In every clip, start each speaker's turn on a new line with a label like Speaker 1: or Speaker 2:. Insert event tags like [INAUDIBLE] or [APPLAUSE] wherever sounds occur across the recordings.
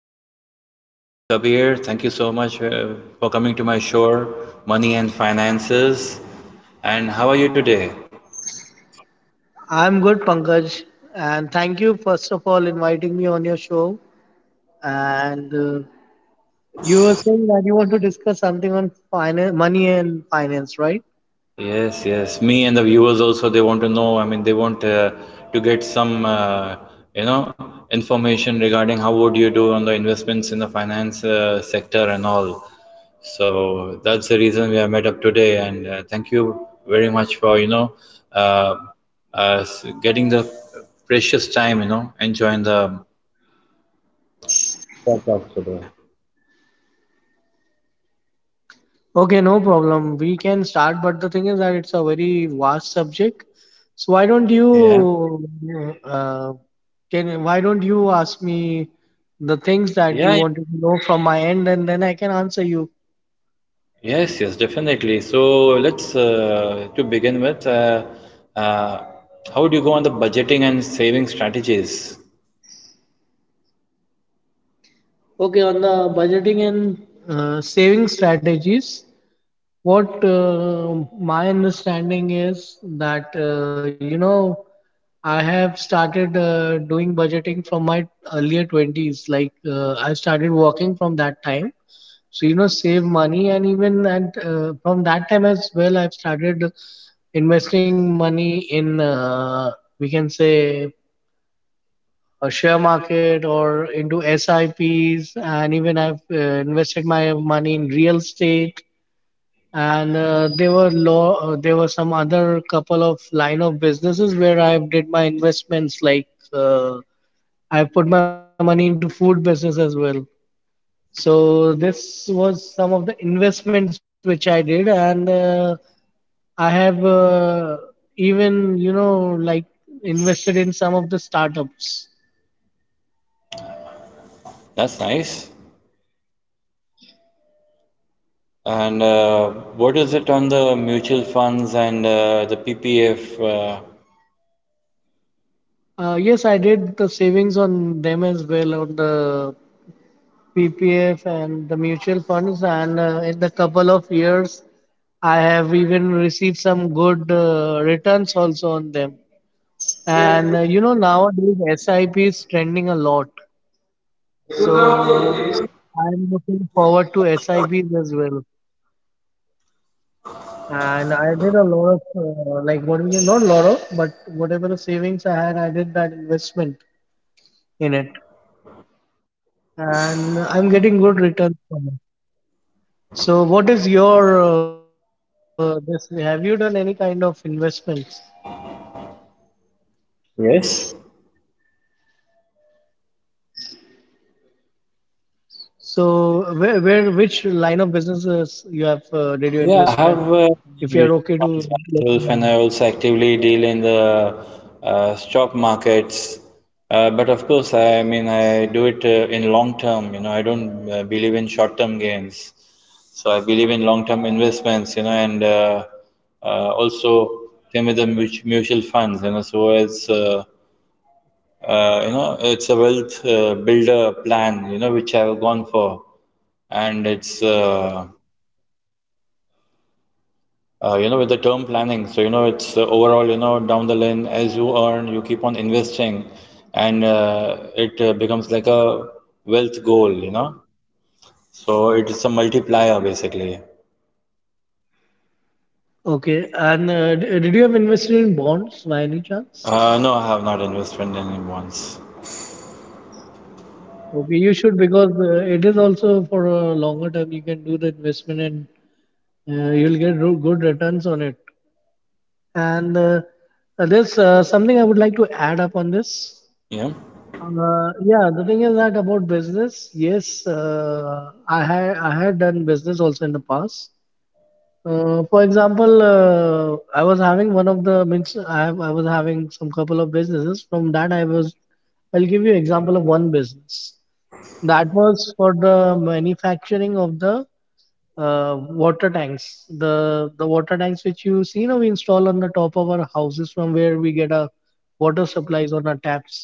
Speaker 1: today we present Mr. Kabir. Thank you so much for coming to my show, Money and Finances. And how are you today?
Speaker 2: I'm good, Pankaj, and thank you first of all inviting me on your show. And you were saying that you want to discuss something on finance, money and finance, right?
Speaker 1: Yes, yes. Me and the viewers also, they want to know. They want to get some, you know, information regarding how would you do on the investments in the finance sector and all. So that's the reason we have met up today. And thank you very much for, you know, uh, getting the precious time, you know, enjoying the.
Speaker 2: Okay, no problem. We can start, but the thing is that it's a very vast subject. So why don't
Speaker 1: Yeah.
Speaker 2: you uh, can why don't you ask me the things that
Speaker 1: Yeah,
Speaker 2: you want to know from my end, and then I can answer you.
Speaker 1: yes, yes, definitely. So let's to begin with, uh, how do you go on the budgeting and saving strategies?
Speaker 2: Okay, on the budgeting and saving strategies. What my understanding is that I have started doing budgeting from my earlier 20s. I started working from that time, so you know save money and even and from that time as well I've started investing money in we can say a share market or into SIPs, and even I've invested my money in real estate, and there were some other couple of line of businesses where I did my investments. Like uh, I put my money into food business as well. So this was some of the investments which I did, and I have even, you know, like invested in some of the startups.
Speaker 1: That's nice. And what is it on the mutual funds and the PPF?
Speaker 2: Yes, I did the savings on them as well, on the PPF and the mutual funds, and in the couple of years I have even received some good returns also on them. And you know, nowadays SIP is trending a lot. So I'm looking forward to SIPs as well. And I did a lot of, like what we can, not a lot of, but whatever the savings I had, I did that investment in it. And I'm getting good returns from it. So what is your, this, have you done any kind of investments?
Speaker 1: Yes.
Speaker 2: So where, which line of businesses you have did you investment?
Speaker 1: Yeah,
Speaker 2: If you
Speaker 1: I
Speaker 2: are okay
Speaker 1: have
Speaker 2: to let me
Speaker 1: mutual
Speaker 2: know that.
Speaker 1: funds myself, and I also actively deal in the stock markets. But of course, I mean, I do it in long term. You know, I don't believe in short term gains. So I believe in long term investments. You know, and also same with the mutual funds. You know, so it's you know it's a wealth builder plan. You know, which I've gone for and it's you know, with the term planning, so you know, it's overall, you know, down the line, as you earn, you keep on investing, and it becomes like a wealth goal, you know. So it is a multiplier basically.
Speaker 2: Okay, and did you have invested in bonds by any chance?
Speaker 1: No, I have not invested in bonds.
Speaker 2: Okay, you should, because it is also for a longer term. You can do the investment and good returns on it. And there's something I would like to add up on this.
Speaker 1: Yeah,
Speaker 2: Yeah, the thing is that about business, yes, I had done business also in the past. For example, I was having one of the means I have, I was having some couple of businesses. From that, I'll give you example of one business that was for the manufacturing of the water tanks. The water tanks which you see now we install on the top of our houses from where we get our water supplies on our taps.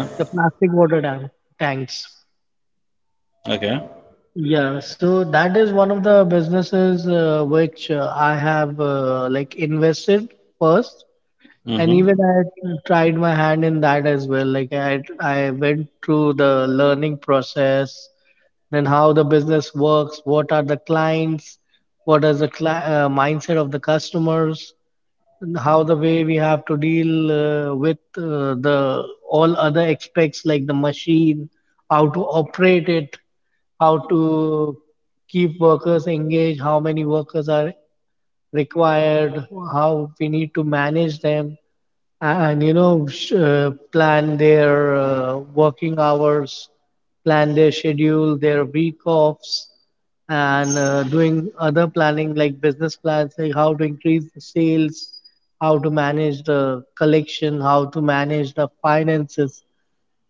Speaker 1: yeah,
Speaker 2: The plastic water tank tanks.
Speaker 1: okay.
Speaker 2: Yeah, so that is one of the businesses which I have like invested first, and even
Speaker 1: Mm-hmm.
Speaker 2: I tried my hand in that as well. Like I went through the learning process, then how the business works, what are the clients, what is the cli mindset of the customers, and how the way we have to deal with the all other aspects like the machine, how to operate it, how to keep workers engaged, how many workers are required, how we need to manage them, and you know, plan their working hours, plan their schedule, their week offs, and doing other planning like business plans, like how to increase the sales, how to manage the collection, how to manage the finances.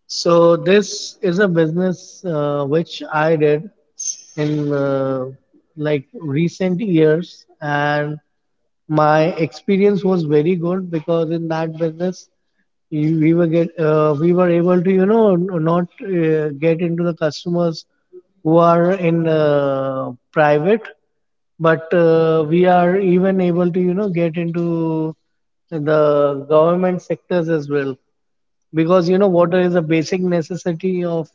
Speaker 2: So this is a business which I did in like recent years, and my experience was very good, because in that business we were able to, you know, not get into the customers who are in private, but we are even able to, you know, get into the government sectors as well, because you know water is a basic necessity of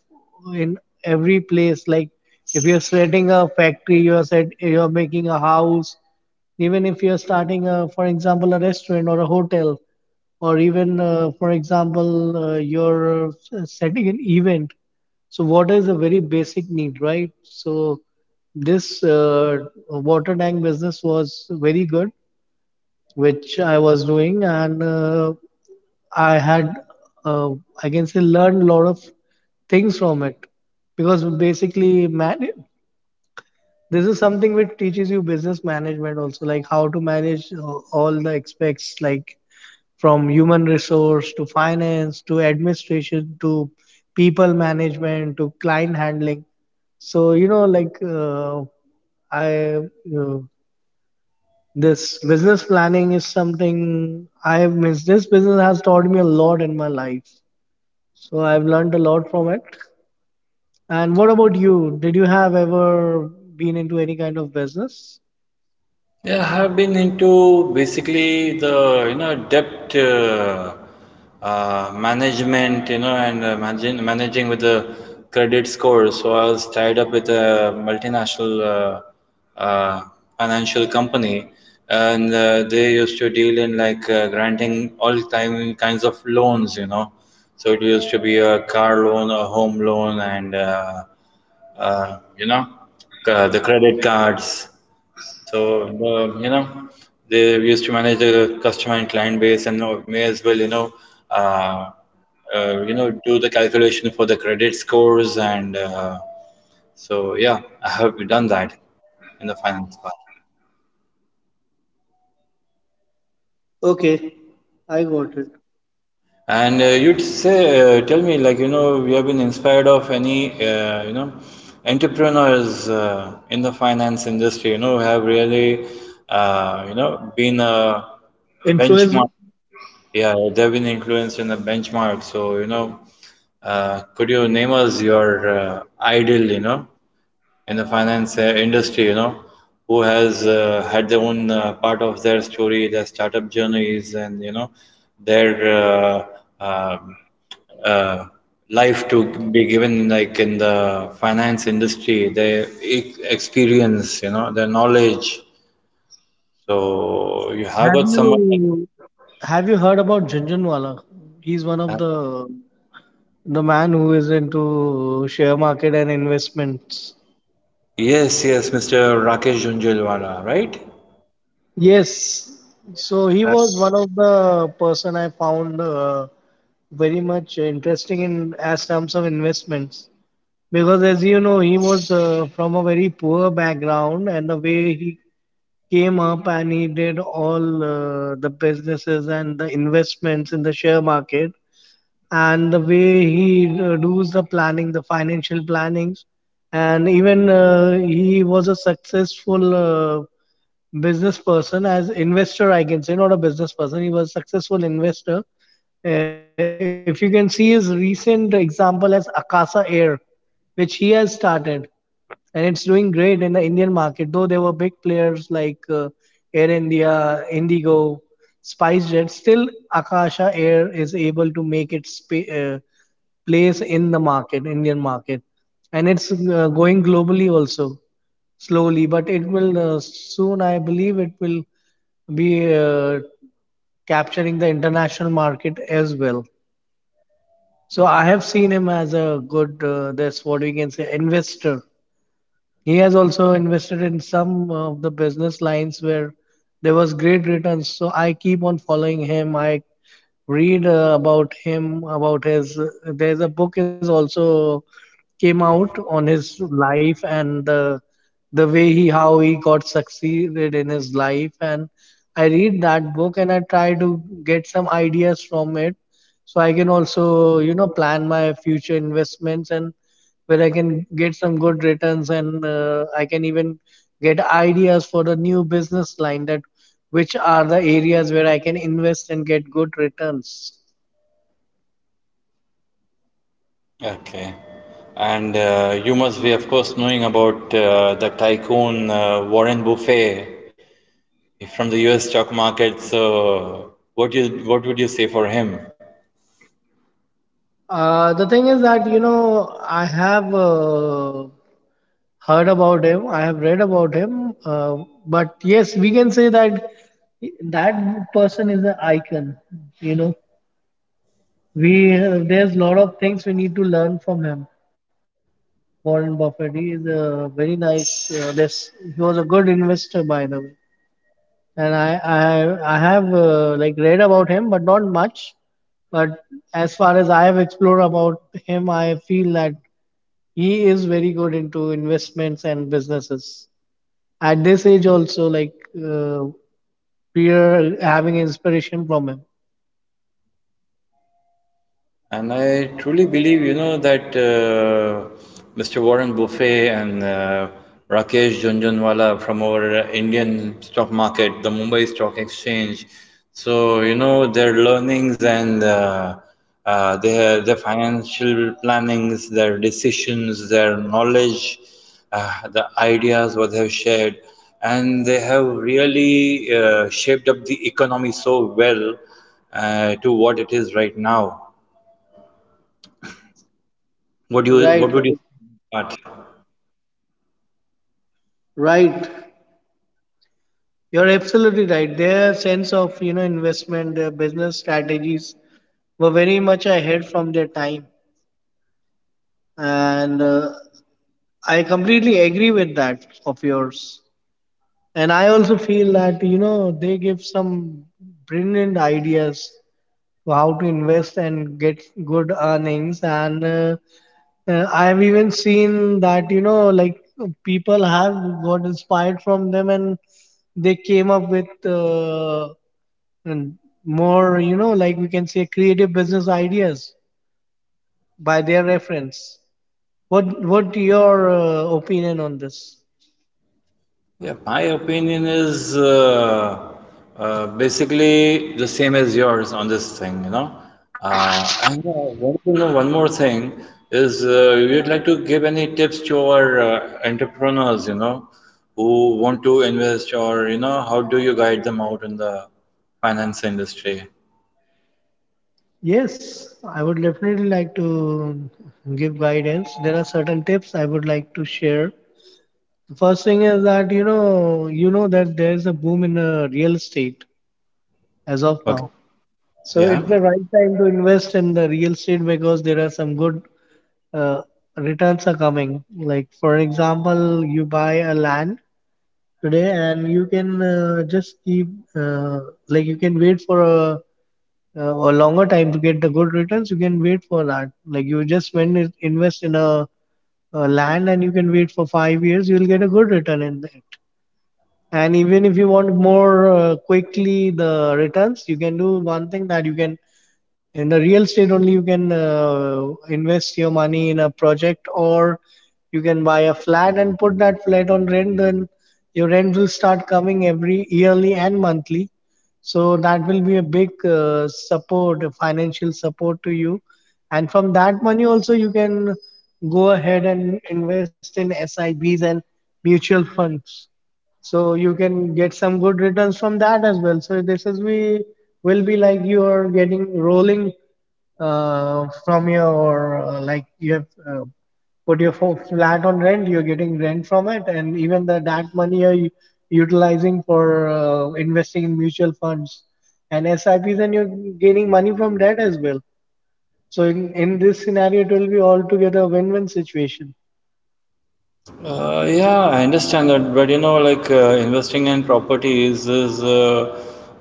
Speaker 2: in every place. Like if you're setting a factory, you're set you're making a house, even if you're starting a, for example, a restaurant or a hotel, or even for example, setting an event. So water is a very basic need, right? So this water tank business was very good, which I was doing, and I had, uh, I can say, learned a lot of things from it, because basically, man, this is something which teaches you business management also, like how to manage all the aspects, like from human resource to finance to administration to people management to client handling. So you know, like I. Uh, this business planning is something I have missed. This business has taught me a lot in my life. So I've learned a lot from it. And what about you? Did you have ever been into any kind of business?
Speaker 1: Yeah, I have been into basically the you know debt management, you know, and managing with the credit score. So I was tied up with a multinational uh, financial company, and they used to deal in like granting all time kinds of loans, you know. So it used to be a car loan, a home loan, and you know, the credit cards. So, the, you know, they used to manage the customer and client base and may as well, uh, you know, do the calculation for the credit scores and so yeah, I have done that in the finance part.
Speaker 2: Okay, I got it.
Speaker 1: And you'd say, tell me, like, you know, we have been inspired of any, you know, entrepreneurs in the finance industry, you know, have really, you know, been a benchmark.
Speaker 2: Influence.
Speaker 1: Yeah, they've been influenced in the benchmark. So, you know, could you name us your idol, you know, in the finance industry, you know, who has had their own part of their story, their startup journeys, and, you know, their um, uh, life to be given like in the finance industry, their e experience, you know, their knowledge. So, you have
Speaker 2: Have
Speaker 1: got someone like
Speaker 2: you have you heard about Junjunwala? He's one of the man who is into share market and investments.
Speaker 1: yes, yes, Mr. Rakesh Jhunjhunwala, right?
Speaker 2: Yes.
Speaker 1: Yes,
Speaker 2: So
Speaker 1: yes.
Speaker 2: he
Speaker 1: I-
Speaker 2: was one of the person I found very much interesting in as terms of investments, because as you know he was from a very poor background, and the way he came up and he did all the businesses and the investments in the share market, and the way he does the planning, the financial plannings, and even he was a successful business person as investor, I can say, not a business person, he was a successful investor. If you can see his recent example as Akasa Air, which he has started, and it's doing great in the Indian market, though there were big players like Air India, Indigo, SpiceJet, still Akasha Air is able to make its uh, place in the market, Indian market, and it's going globally also, slowly, but it will soon, I believe, it will be capturing the international market as well. So I have seen him as a good, that's what we can say, investor. He has also invested in some of the business lines where there was great returns. So I keep on following him. I read about him, about his. There's a book is also came out on his life and the way he how he got succeeded in his life. And I read that book and I try to get some ideas from it, so I can also, you know, plan my future investments, and where I can get some good returns, and I can even get ideas for the new business line, that which are the areas where I can invest and get good returns.
Speaker 1: okay. And you must be, of course, knowing about the tycoon Warren Buffett from the US stock market. So, what you what would you say for him?
Speaker 2: The thing is that you know I have heard about him. I have read about him. But yes, we can say that that person is an icon. You know, we there's a lot of things we need to learn from him. Warren Buffett. He is a very nice. This he was a good investor, by the way. And I have like read about him, but not much. But as far as I have explored about him, I feel that he is very good into investments and businesses. At this age, also, like we are having inspiration from him.
Speaker 1: And I truly believe, you know, that Mr. Warren Buffet and Rakesh Jhunjhunwala from our Indian stock market, the Mumbai Stock Exchange, so, you know, their learnings and their financial plannings, their decisions, their knowledge, the ideas what they have shared, and they have really shaped up the economy so well to what it is right now. What do
Speaker 2: Right,
Speaker 1: you what
Speaker 2: right,
Speaker 1: would you but
Speaker 2: right. You're absolutely right. Their sense of, you know, investment, their business strategies were very much ahead from their time, and I completely agree with that of yours. And I also feel that, you know, they give some brilliant ideas to how to invest and get good earnings. And I have even seen that, you know, like people have got inspired from them, and they came up with. And more, you know, like we can say creative business ideas by their reference. What your opinion on this?
Speaker 1: yeah, my opinion is basically the same as yours on this thing, you know. And want to know one more thing is you'd like to give any tips to our entrepreneurs, you know, who want to invest or you know, how do you guide them out in the finance industry?
Speaker 2: Yes, I would definitely like to give guidance. There are certain tips I would like to share. The first thing is that, you know, you know that there is a boom in real estate as of
Speaker 1: Okay,
Speaker 2: now, so
Speaker 1: yeah.
Speaker 2: it's the right time to invest in the real estate, because there are some good uh, returns are coming. Like for example, you buy a land today, and you can just keep uh, like, you can wait for a longer time to get the good returns. You can wait for that, like you just invest in a land, and you can wait for five years, you will get a good return in it. And even if you want more quickly the returns, you can do one thing, that you can, in the real estate only, you can invest your money in a project, or you can buy a flat and put that flat on rent. Then your rent will start coming every yearly and monthly. So that will be a big support, a financial support to you. And from that money also you can go ahead and invest in SIBs and mutual funds, so you can get some good returns from that as well. So this is, we will be like you are getting rolling from your like you have put your flat on rent, you're getting rent from it, and even the that money you're utilizing for investing in mutual funds and sips, and you're gaining money from that as well. So in this scenario it will be altogether a win-win situation.
Speaker 1: Yeah, I understand that, but you know, like investing in properties is uh,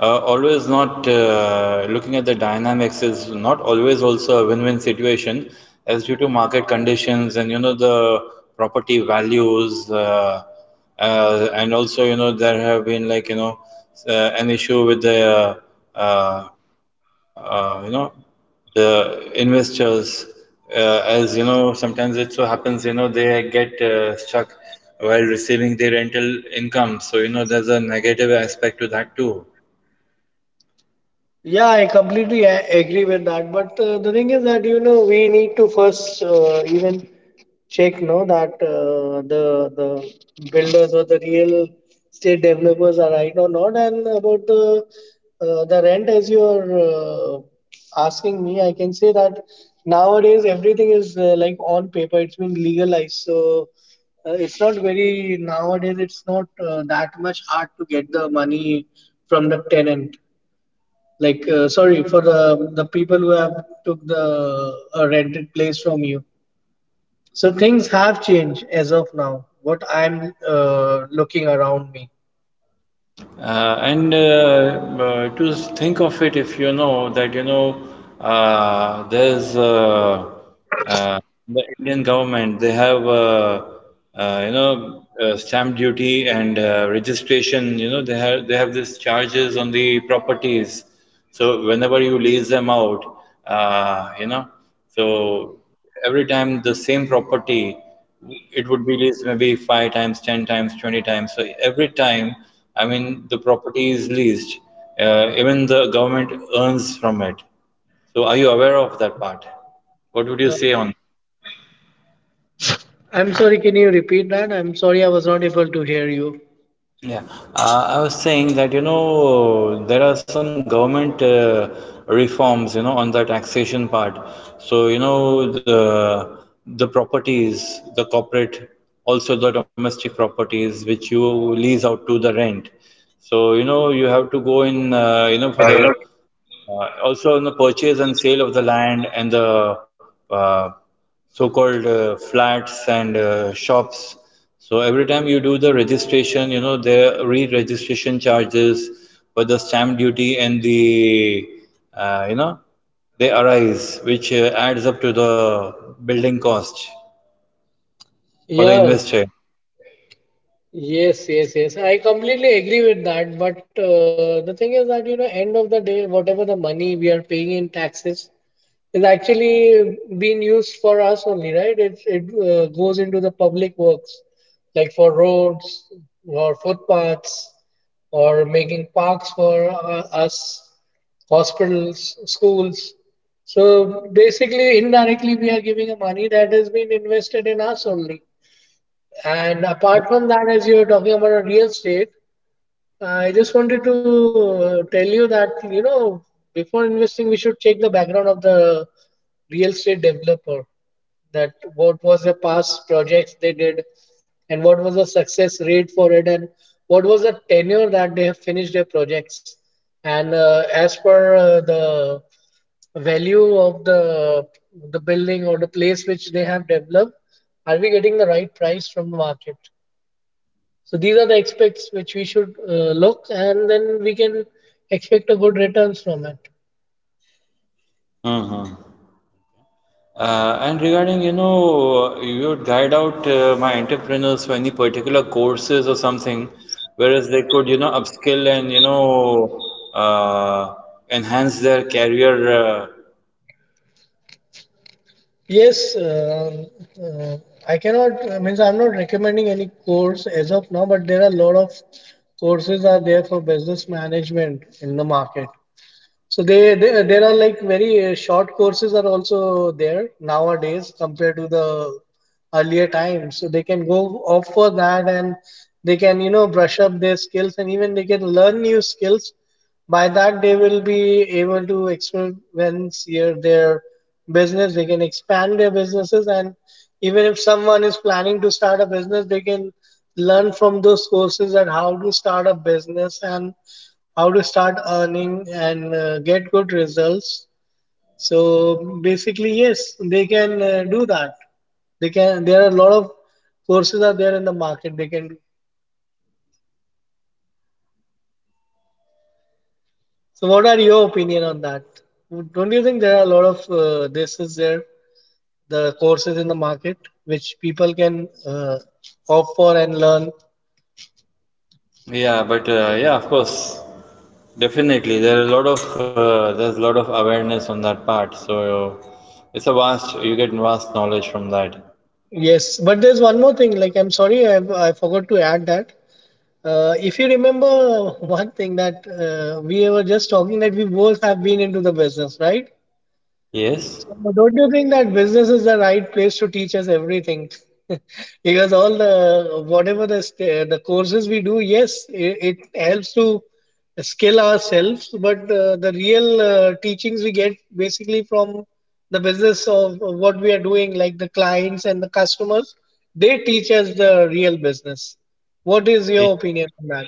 Speaker 1: uh, always not looking at the dynamics is not always also a win-win situation, as due to market conditions and you know the property values, and also you know there have been like you know an issue with the uh, uh, you know the investors as you know sometimes it so happens you know they get stuck while receiving the rental income so you know there's a negative aspect to that too.
Speaker 2: Yeah, I completely agree with that. But the thing is that, you know, we need to first even check, no, that the builders or the real estate developers are right or not. And about the rent, as you're asking me, I can say that nowadays everything is like on paper. It's been legalized, so it's not very nowadays. It's not that much hard to get the money from the tenant. Like, sorry for the people who have took the rented place from you. So things have changed as of now. What I'm looking around me.
Speaker 1: And to think of it if you know that you know uh, there's uh, uh, the Indian government, they have, you know, stamp duty and registration. You know, they have these charges on the properties. So whenever you lease them out, you know, so every time the same property, it would be leased maybe five times, 10 times, 20 times. So every time, I mean, the property is leased. Even the government earns from it. So are you aware of that part? What would you say on?
Speaker 2: I'm sorry. Can you repeat that? I'm sorry. I was not able to hear you.
Speaker 1: Yeah, I was saying that you know there are some government reforms you know on the taxation part. So you know the properties, the corporate, also the domestic properties which you lease out to the rent. So you know you have to go in you know for the
Speaker 2: Hello.
Speaker 1: also on the purchase and sale of the land and the uh, so-called flats and shops. So every time you do the registration, you know, the re-registration charges, but the stamp duty and the, you know, they arise, which adds up to the building cost for the
Speaker 2: Yeah,
Speaker 1: investor.
Speaker 2: yes, yes, yes. I completely agree with that. But the thing is that, you know, end of the day, whatever the money we are paying in taxes, is actually being used for us only, right? It goes into the public works, like for roads or footpaths or making parks for us, hospitals, schools. So basically, indirectly, we are giving a money that has been invested in us only. And apart from that, as you're talking about a real estate, I just wanted to tell you that, you know, before investing, we should check the background of the real estate developer, that what was the past projects they did, and what was the success rate for it, and what was the tenure that they have finished their projects. And as per the value of the building or the place which they have developed, are we getting the right price from the market? So these are the aspects which we should look, and then we can expect a good returns from it.
Speaker 1: Hmm. And regarding, you know, you would guide out my entrepreneurs for any particular courses or something, whereas they could, you know, upskill and, you know, enhance their career.
Speaker 2: Yes, uh, I cannot. I mean, I'm not recommending any course as of now, but there are a lot of courses are there for business management in the market. So they there are like very short courses are also there nowadays compared to the earlier times. So they can go off for that, and they can, you know, brush up their skills, and even they can learn new skills. By that they will be able to experience here their business. They can expand their businesses, and even if someone is planning to start a business, they can learn from those courses, and how to start a business and how to start earning and get good results. So basically, yes, they can do that. They can, there are a lot of courses are there in the market, they can do. So what are your opinion on that? Don't you think there are a lot of this is there, the courses in the market which people can opt for and learn?
Speaker 1: Yeah, but yeah, of course, definitely. There are a lot of there's a lot of awareness on that part. So it's a vast, you get vast knowledge from that.
Speaker 2: Yes, but there's one more thing, like, I'm sorry, I forgot to add that. If you remember [LAUGHS] one thing, that we were just talking that we both have been into the business, right?
Speaker 1: Yes.
Speaker 2: So don't you think that business is the right place to teach us everything? [LAUGHS] Because all the, whatever the the courses we do, yes, it helps to skill ourselves, but the real teachings we get basically from the business of what we are doing, like the clients and the customers, they teach us the real business. What is your opinion on that?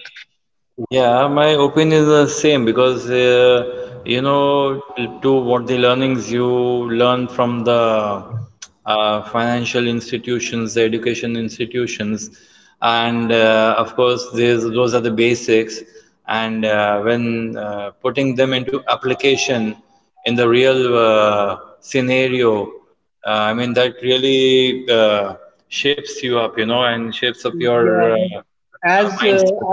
Speaker 1: Yeah, my opinion is the same because you know to what the learnings you learn from the financial institutions, the education institutions, and of course there's, those are the basics. And when putting them into application in the real scenario, I mean that really shapes you up, you know, and shapes up
Speaker 2: Yeah,
Speaker 1: your
Speaker 2: like, as uh,
Speaker 1: mindset.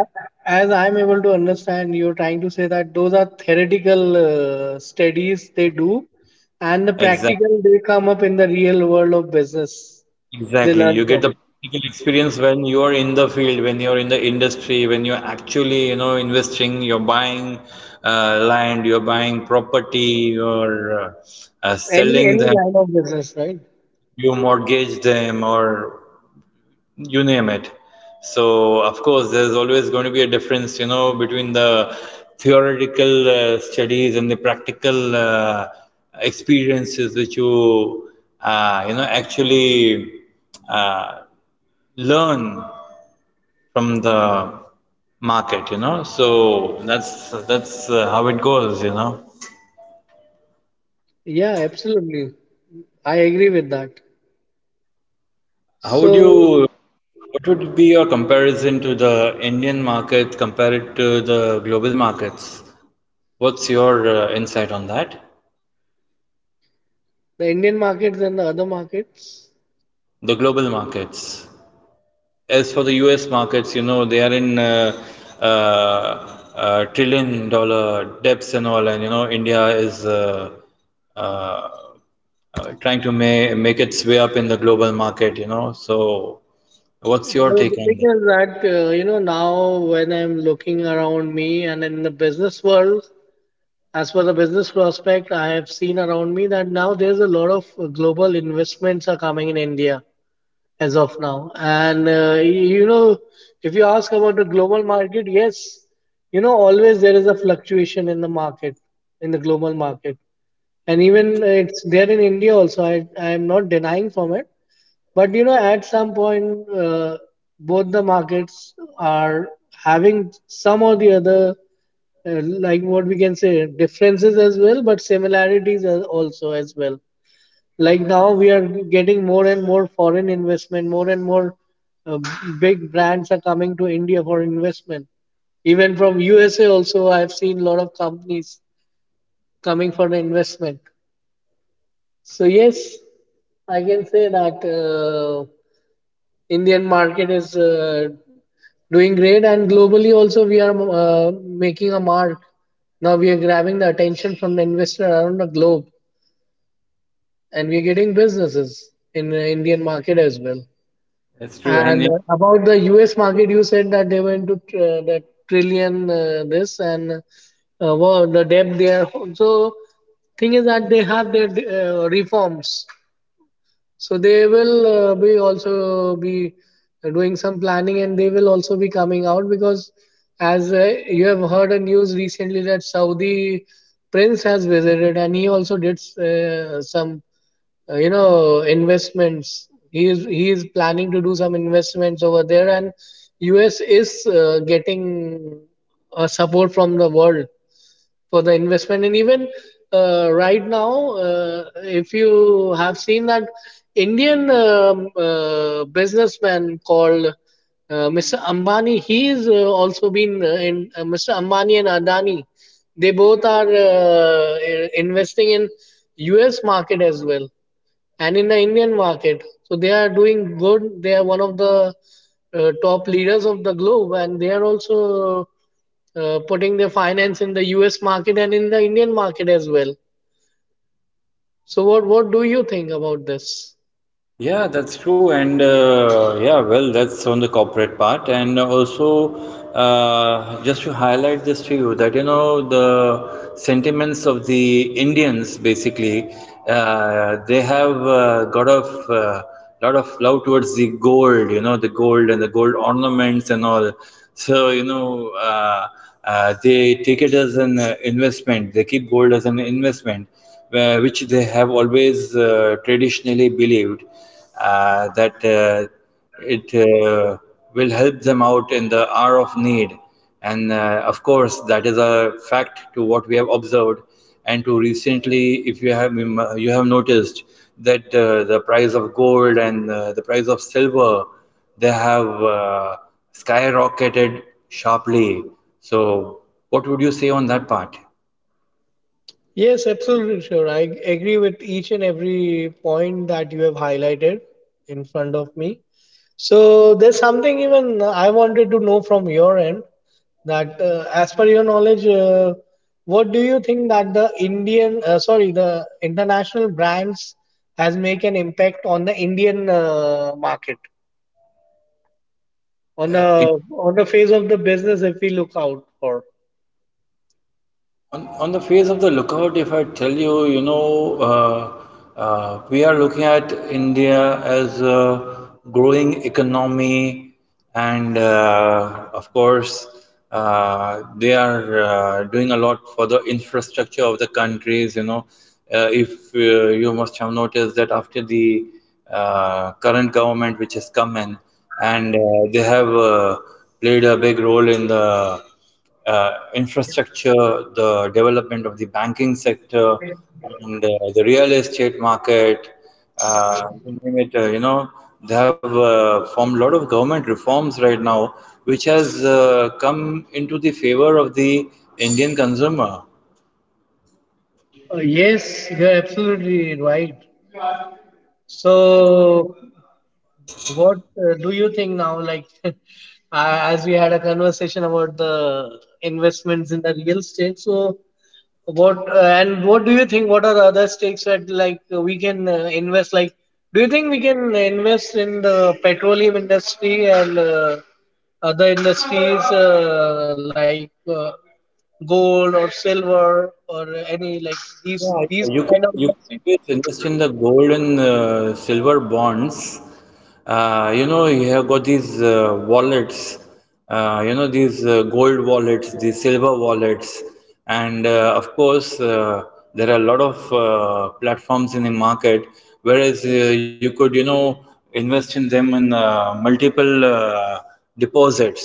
Speaker 2: as I'm able to understand, you're trying to say that those are theoretical studies they do, and the
Speaker 1: Exactly.
Speaker 2: practical they come up in the real world of business. They
Speaker 1: Exactly.
Speaker 2: learn
Speaker 1: You get
Speaker 2: from
Speaker 1: the practical experience when you're in the field, when you're in the industry, when you're actually, you know, investing, you're buying land, you're buying property, you're selling
Speaker 2: any
Speaker 1: them,
Speaker 2: line of business, right?
Speaker 1: you mortgage them or you name it. So, of course, there's always going to be a difference, you know, between the theoretical studies and the practical experiences which you, you know, actually uh, learn from the market, you know. So that's how it goes, you know.
Speaker 2: Yeah, absolutely. I agree with that.
Speaker 1: How would
Speaker 2: So,
Speaker 1: you what would be your comparison to the Indian market compared to the global markets? What's your insight on that?
Speaker 2: the Indian markets and the other markets.
Speaker 1: The global markets. As for the US markets, you know, they are in trillion dollar debts and all, and you know, India is uh, trying to ma make its way up in the global market, you know. So, what's your
Speaker 2: The
Speaker 1: take on
Speaker 2: thing
Speaker 1: that?
Speaker 2: is that you know, now when I'm looking around me and in the business world, as for the business prospect, I have seen around me that now there's a lot of global investments are coming in India as of now. And you know, if you ask about the global market, yes, you know, always there is a fluctuation in the market, in the global market. And even it's there in India also. I am not denying from it. But you know, at some point, both the markets are having some or the other, like what we can say, differences as well, but similarities as also as well. Like now, we are getting more and more foreign investment, more and more uh, big brands are coming to India for investment. Even from USA, also, I've seen a lot of companies coming for the investment. So, yes, I can say that Indian market is doing great, and globally also we are making a mark. Now we are grabbing the attention from the investor around the globe, and we are getting businesses in the Indian market as well.
Speaker 1: That's true.
Speaker 2: And
Speaker 1: And
Speaker 2: about the US market, you said that they were into the trillion this and well, the debt there. So thing is that they have their reforms. So they will be also be doing some planning, and they will also be coming out, because as you have heard a news recently that Saudi prince has visited, and he also did some you know, investments. He is, he is planning to do some investments over there, and US is getting support from the world for the investment. And even right now, if you have seen that Indian businessman called Mr. Ambani, he is also been in Mr. Ambani and Adani, they both are investing in US market as well, and in the Indian market. So they are doing good. They are one of the top leaders of the globe, and they are also putting their finance in the U.S. market and in the Indian market as well. So what do you think about this?
Speaker 1: yeah, that's true. And yeah, well, that's on the corporate part. And also, just to highlight this to you, that you know, the sentiments of the Indians basically, they have got of lot of love towards the gold, you know, the gold and the gold ornaments and all. So, you know, they take it as an investment. They keep gold as an investment where- which they have always traditionally believed that it will help them out in the hour of need. And of course, that is a fact to what we have observed. And to recently, if you have you have noticed that the price of gold and the price of silver, they have skyrocketed sharply. So, what would you say on that part?
Speaker 2: Yes, absolutely sure. I agree with each and every point that you have highlighted in front of me. So there's something even I wanted to know from your end, that as per your knowledge, what do you think that the Indian, sorry, the international brands has make an impact on the Indian market, on the face of the business if we look out for?
Speaker 1: On the face of the lookout, if I tell you, you know, we are looking at India as a growing economy, and of course, they are doing a lot for the infrastructure of the countries. You know, if you must have noticed that after the current government which has come in, and they have played a big role in the infrastructure, the development of the banking sector, and the real estate market. You name it, you know, they have formed a lot of government reforms right now, which has come into the favor of the Indian consumer.
Speaker 2: Yes, you're absolutely right. So, what do you think now? Like, [LAUGHS] as we had a conversation about the investments in the real estate, so what and what do you think? What are the other stakes that, like, we can invest? Like, do you think we can invest in the petroleum industry and other industries like gold or silver or any, like,
Speaker 1: Yeah,
Speaker 2: these kind of
Speaker 1: you could
Speaker 2: industries?
Speaker 1: always invest in the gold and silver bonds. You know, you have got these wallets. You know, these gold wallets, these silver wallets, and of course, there are a lot of platforms in the market. Whereas you could, you know, invest in them in multiple deposits.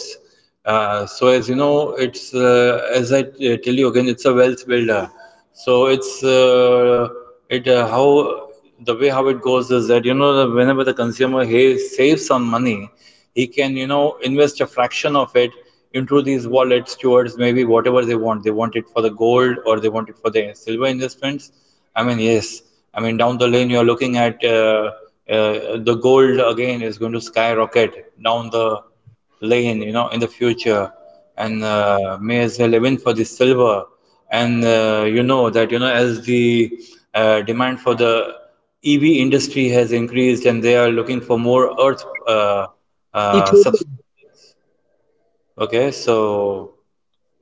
Speaker 1: So as you know, it's as I tell you again, it's a wealth builder. So it's it how the way how it goes is that you know that whenever the consumer he saves some money, he can you know invest a fraction of it into these wallets towards maybe whatever they want. They want it for the gold or they want it for the silver investments. I mean yes, I mean down the lane you are looking at the gold again is going to skyrocket down the lane, you know, in the future, and may as well even for the silver. And you know that you know as the demand for the EV industry has increased, and they are looking for more earth subs.
Speaker 2: Ethereum.
Speaker 1: Okay, so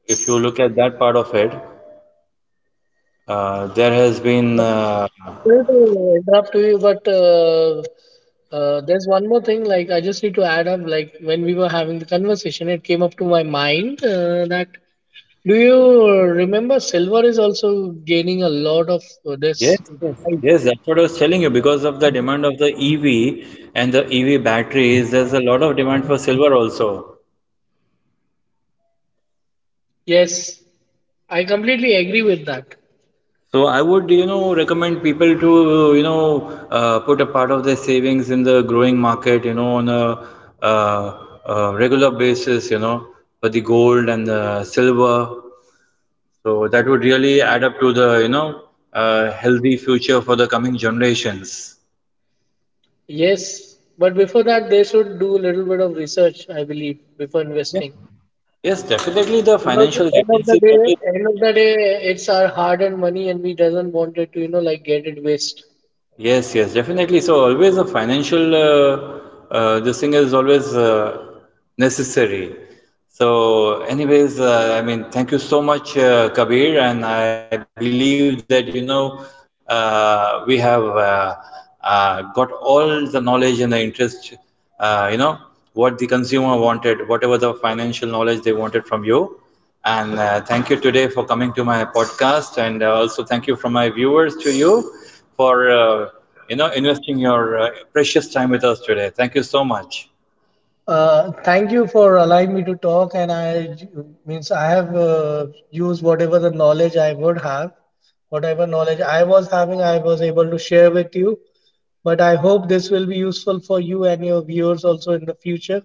Speaker 1: if you look at that part of it, there has been
Speaker 2: Sorry to interrupt you, but there's one more thing. Like, I just need to add up. Like, when we were having the conversation, it came up to my mind that, do you remember silver is also gaining a lot of
Speaker 1: yes,
Speaker 2: this
Speaker 1: yes,
Speaker 2: hype?
Speaker 1: yes. That's what I was telling you. Because of the demand of the EV and the EV batteries, there's a lot of demand for silver also.
Speaker 2: Yes, I completely agree with that.
Speaker 1: So I would, you know, recommend people to, you know, put a part of their savings in the growing market, you know, on a uh, regular basis, you know, for the gold and the silver. So that would really add up to the, you know, healthy future for the coming generations.
Speaker 2: Yes, but before that, they should do a little bit of research, I believe, before
Speaker 1: Yeah.
Speaker 2: investing.
Speaker 1: Yes, definitely the
Speaker 2: Because at
Speaker 1: financial
Speaker 2: the end of
Speaker 1: guidance
Speaker 2: the
Speaker 1: is what is
Speaker 2: day, it's our hard-earned money, and we doesn't want it to, you know, like, get it waste.
Speaker 1: yes, yes, definitely. So always a financial this thing is always necessary. So, anyways, thank you so much, Kabir, and I believe that you know we have got all the knowledge and the interest, you know, what the consumer wanted, whatever the financial knowledge they wanted from you. And thank you today for coming to my podcast, and also thank you from my viewers to you for you know investing your precious time with us today. Thank you so much.
Speaker 2: Thank you for allowing me to talk, and I means, I have used whatever the knowledge I would have, whatever knowledge I was having, I was able to share with you. But I hope this will be useful for you and your viewers also in the future.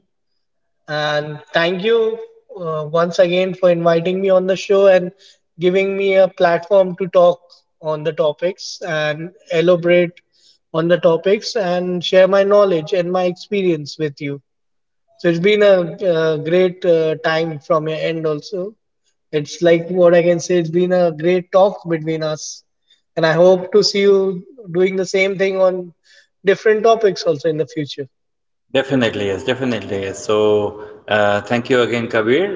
Speaker 2: And thank you once again for inviting me on the show and giving me a platform to talk on the topics and elaborate on the topics and share my knowledge and my experience with you. So it's been a great time from your end also. It's like, what I can say, it's been a great talk between us. And I hope to see you doing the same thing on different topics also in the future.
Speaker 1: Definitely yes, definitely yes. So thank you again, Kabir.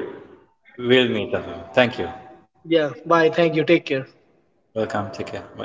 Speaker 1: We'll meet again. Thank you.
Speaker 2: Yeah, bye. Thank you. Take care.
Speaker 1: Welcome. Take care. Bye.